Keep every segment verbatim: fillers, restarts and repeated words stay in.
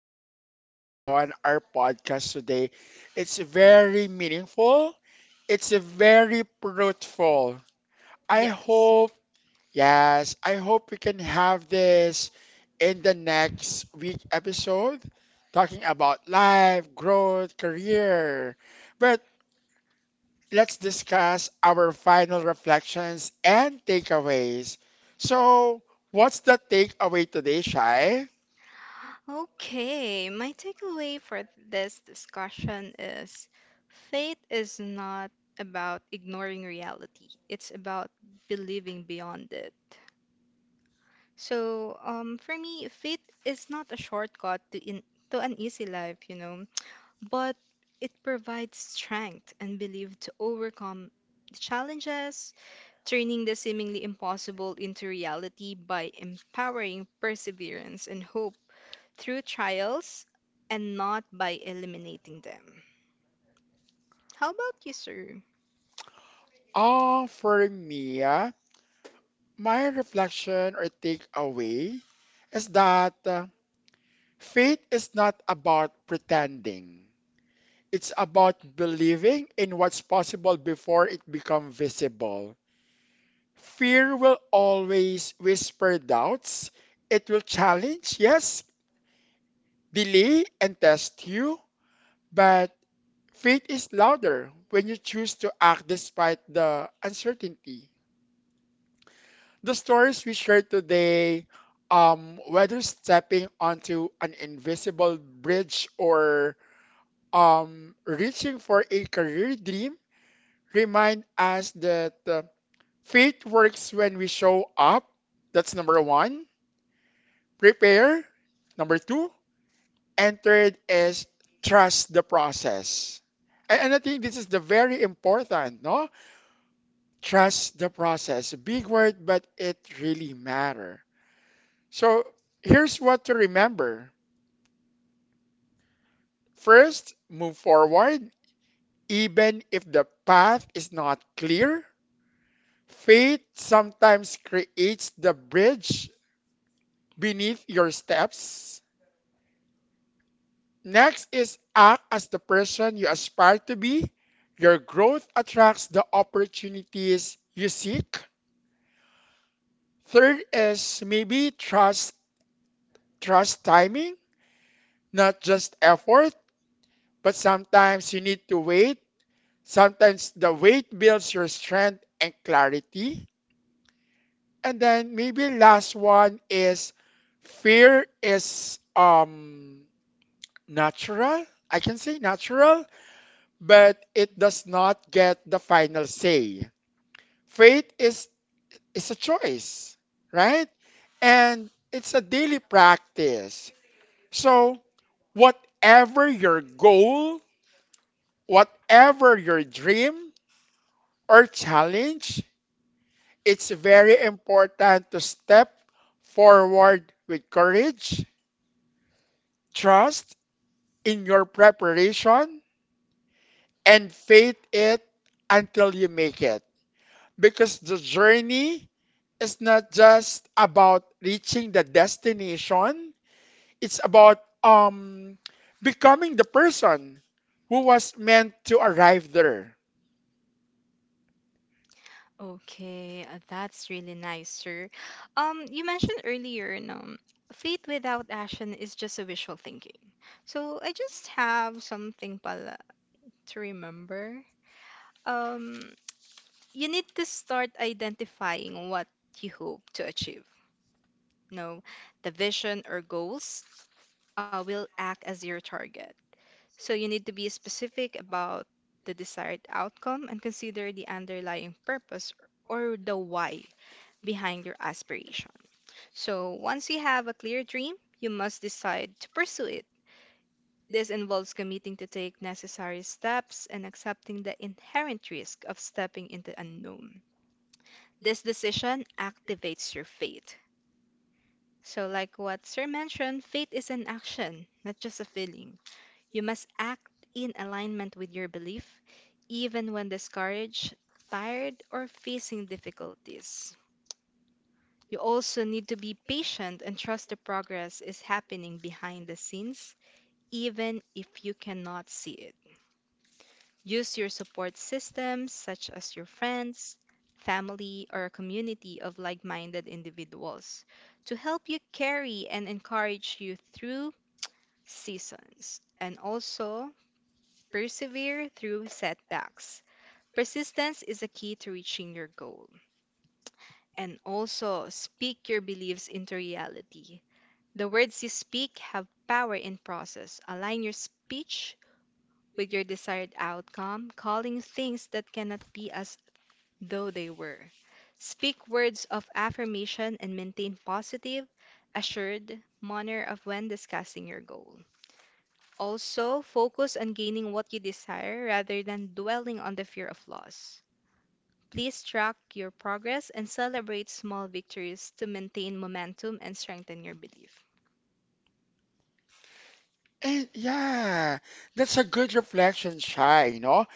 discussion, our podcast today. It's very meaningful. It's very fruitful. I Yes. hope, yes, I hope we can have this in the next week episode talking about life, growth, career. But let's discuss our final reflections and takeaways. So, what's the takeaway today, Shai? Okay, my takeaway for this discussion is faith is not about ignoring reality, it's about believing beyond it. So, um, for me, faith is not a shortcut to in to an easy life, you know, but it provides strength and belief to overcome the challenges, turning the seemingly impossible into reality by empowering perseverance and hope through trials and not by eliminating them. How about you, sir? Oh, for me, ah, my reflection or takeaway is that uh, faith is not about pretending. It's about believing in what's possible before it becomes visible. Fear will always whisper doubts. It will challenge, yes, delay, and test you. But faith is louder when you choose to act despite the uncertainty. The stories we share today, um, whether stepping onto an invisible bridge or um, reaching for a career dream, remind us that uh, faith works when we show up. That's number one. Prepare. Number two. And third is trust the process. And, and I think this is the very important, no? Trust the process. Big word, but it really matter. So here's what to remember. First, move forward, even if the path is not clear. Faith sometimes creates the bridge beneath your steps. Next is act as the person you aspire to be. Your growth attracts the opportunities you seek. Third is maybe trust trust timing, not just effort, but sometimes you need to wait. Sometimes the weight builds your strength and clarity. And then maybe last one is fear is um natural. I can say natural, but it does not get the final say. Faith is is a choice, right? And it's a daily practice. So whatever your goal, whatever your dream or challenge, it's very important to step forward with courage, trust in your preparation, and faith it until you make it. Because the journey is not just about reaching the destination, it's about um becoming the person who was meant to arrive there. Okay, uh, that's really nice, sir. Um, you mentioned earlier, no, faith without action is just a wishful thinking. So I just have something pala to remember. Um, you need to start identifying what you hope to achieve. No, the vision or goals uh, will act as your target. So you need to be specific about the desired outcome and consider the underlying purpose or the why behind your aspiration. So once you have a clear dream, you must decide to pursue it. This involves committing to take necessary steps and accepting the inherent risk of stepping into unknown. This decision activates your faith. So, like what Sir mentioned, faith is an action, not just a feeling. You must act in alignment with your belief, even when discouraged, tired, or facing difficulties. You also need to be patient and trust the progress is happening behind the scenes, even if you cannot see it. Use your support systems, such as your friends, family, or a community of like minded individuals, to help you carry and encourage you through seasons, and also persevere through setbacks. Persistence is a key to reaching your goal. And also speak your beliefs into reality. The words you speak have power in process. Align your speech with your desired outcome, calling things that cannot be as though they were. Speak words of affirmation and maintain positive, assured manner of when discussing your goal. Also, focus on gaining what you desire rather than dwelling on the fear of loss. Please track your progress and celebrate small victories to maintain momentum and strengthen your belief. And yeah, that's a good reflection, Shy, no?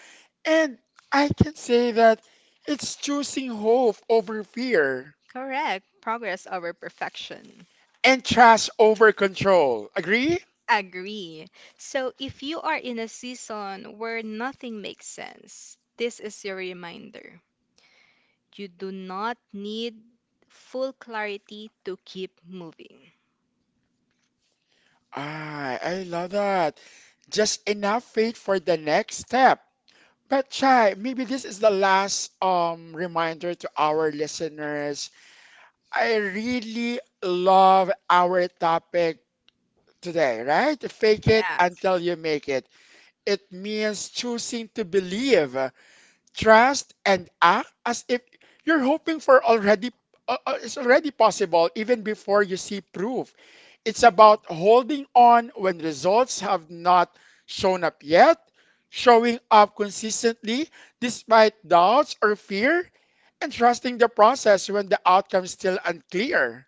And I can say that it's choosing hope over fear Correct. Progress over perfection. and trust over control. Agree? Agree. So, if you are in a season where nothing makes sense, this is your reminder. You do not need full clarity to keep moving. Ah, I love that. Just enough faith for the next step. But Chai, maybe this is the last um reminder to our listeners. I really love our topic today, right? Fake it Yeah. until you make it. It means choosing to believe, trust and act as if you're hoping for already, uh, uh, it's already possible even before you see proof. It's about holding on when results have not shown up yet, showing up consistently despite doubts or fear, and trusting the process when the outcome is still unclear.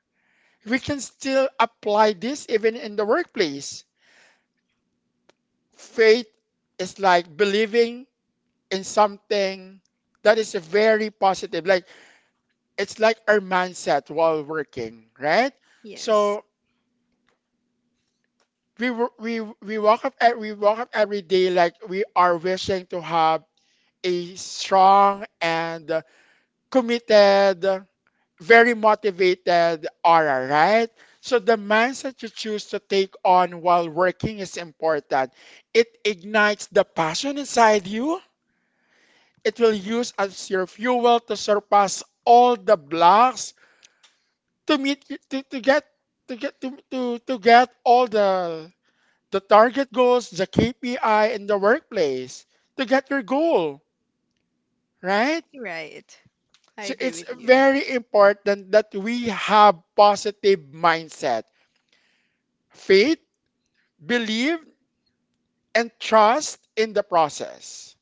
We can still apply this even in the workplace. Faith is like believing in something that is very positive, like it's like our mindset while working, right? Yes. So we wo- we we walk up e- we walk up every day like we are wishing to have a strong and committed, very motivated aura, right? So the mindset you choose to take on while working is important. It ignites the passion inside you. It will use as your fuel to surpass all the blocks to meet to, to get to get to, to to get all the the target goals, the K P I in the workplace to get your goal, right? Right. I So agree it's with you. very important that we have positive mindset, faith, believe, and trust in the process.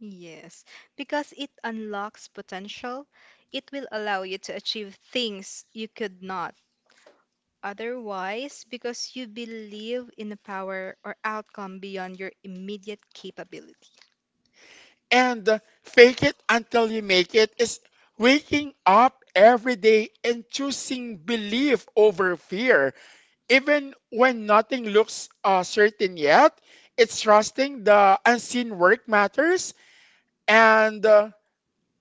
Yes, because it unlocks potential. It will allow you to achieve things you could not otherwise because you believe in the power or outcome beyond your immediate capability. And uh, fake it until you make it is waking up every day and choosing belief over fear. Even when nothing looks uh, certain yet, it's trusting the unseen work matters. And uh,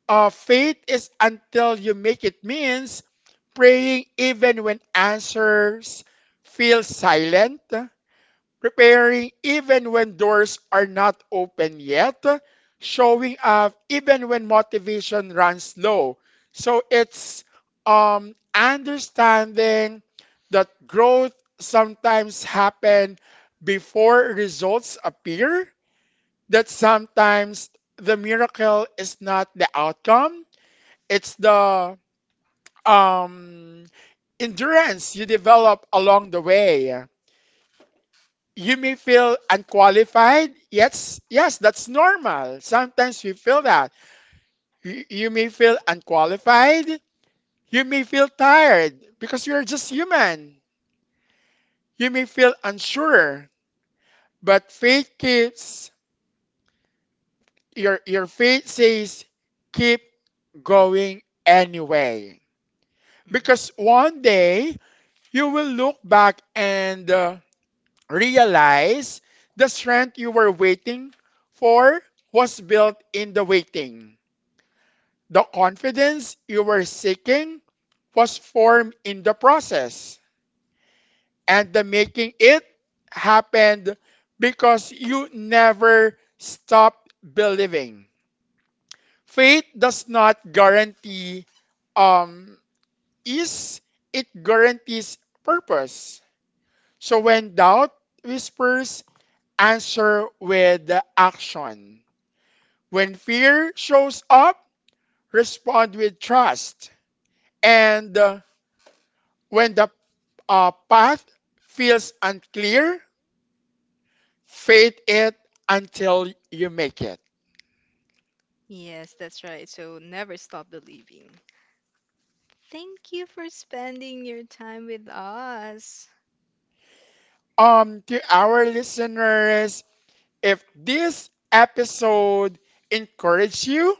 uh, faith is until you make it means praying even when answers feel silent, preparing even when doors are not open yet, showing up even when motivation runs low. So it's um, understanding that growth sometimes happen before results appear, that sometimes the miracle is not the outcome, it's the um, endurance you develop along the way. You may feel unqualified. Yes, yes, that's normal. Sometimes we feel that. You, you may feel unqualified. You may feel tired because you're just human. You may feel unsure, but faith keeps your your faith says keep going anyway. Mm. Because one day you will look back and uh, realize the strength you were waiting for was built in the waiting. The confidence you were seeking was formed in the process, and the making it happened because you never stopped believing. Faith does not guarantee um, ease, it guarantees purpose. So when doubt whispers, answer with action. When fear shows up, respond with trust. And uh, when the a path feels unclear, fade it until you make it. Yes, that's right. So never stop believing. Thank you for spending your time with us. Um, to our listeners, if this episode encouraged you,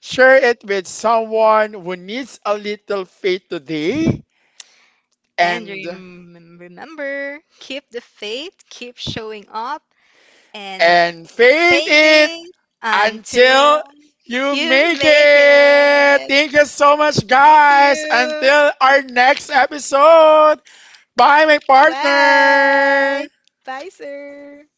share it with someone who needs a little faith today And and rem- remember, keep the faith, keep showing up, and and fade fade it it until until you you make make it. it. Thank you so much, Thank guys. you. Until our next episode. Bye, my Bye. partner. Bye, sir.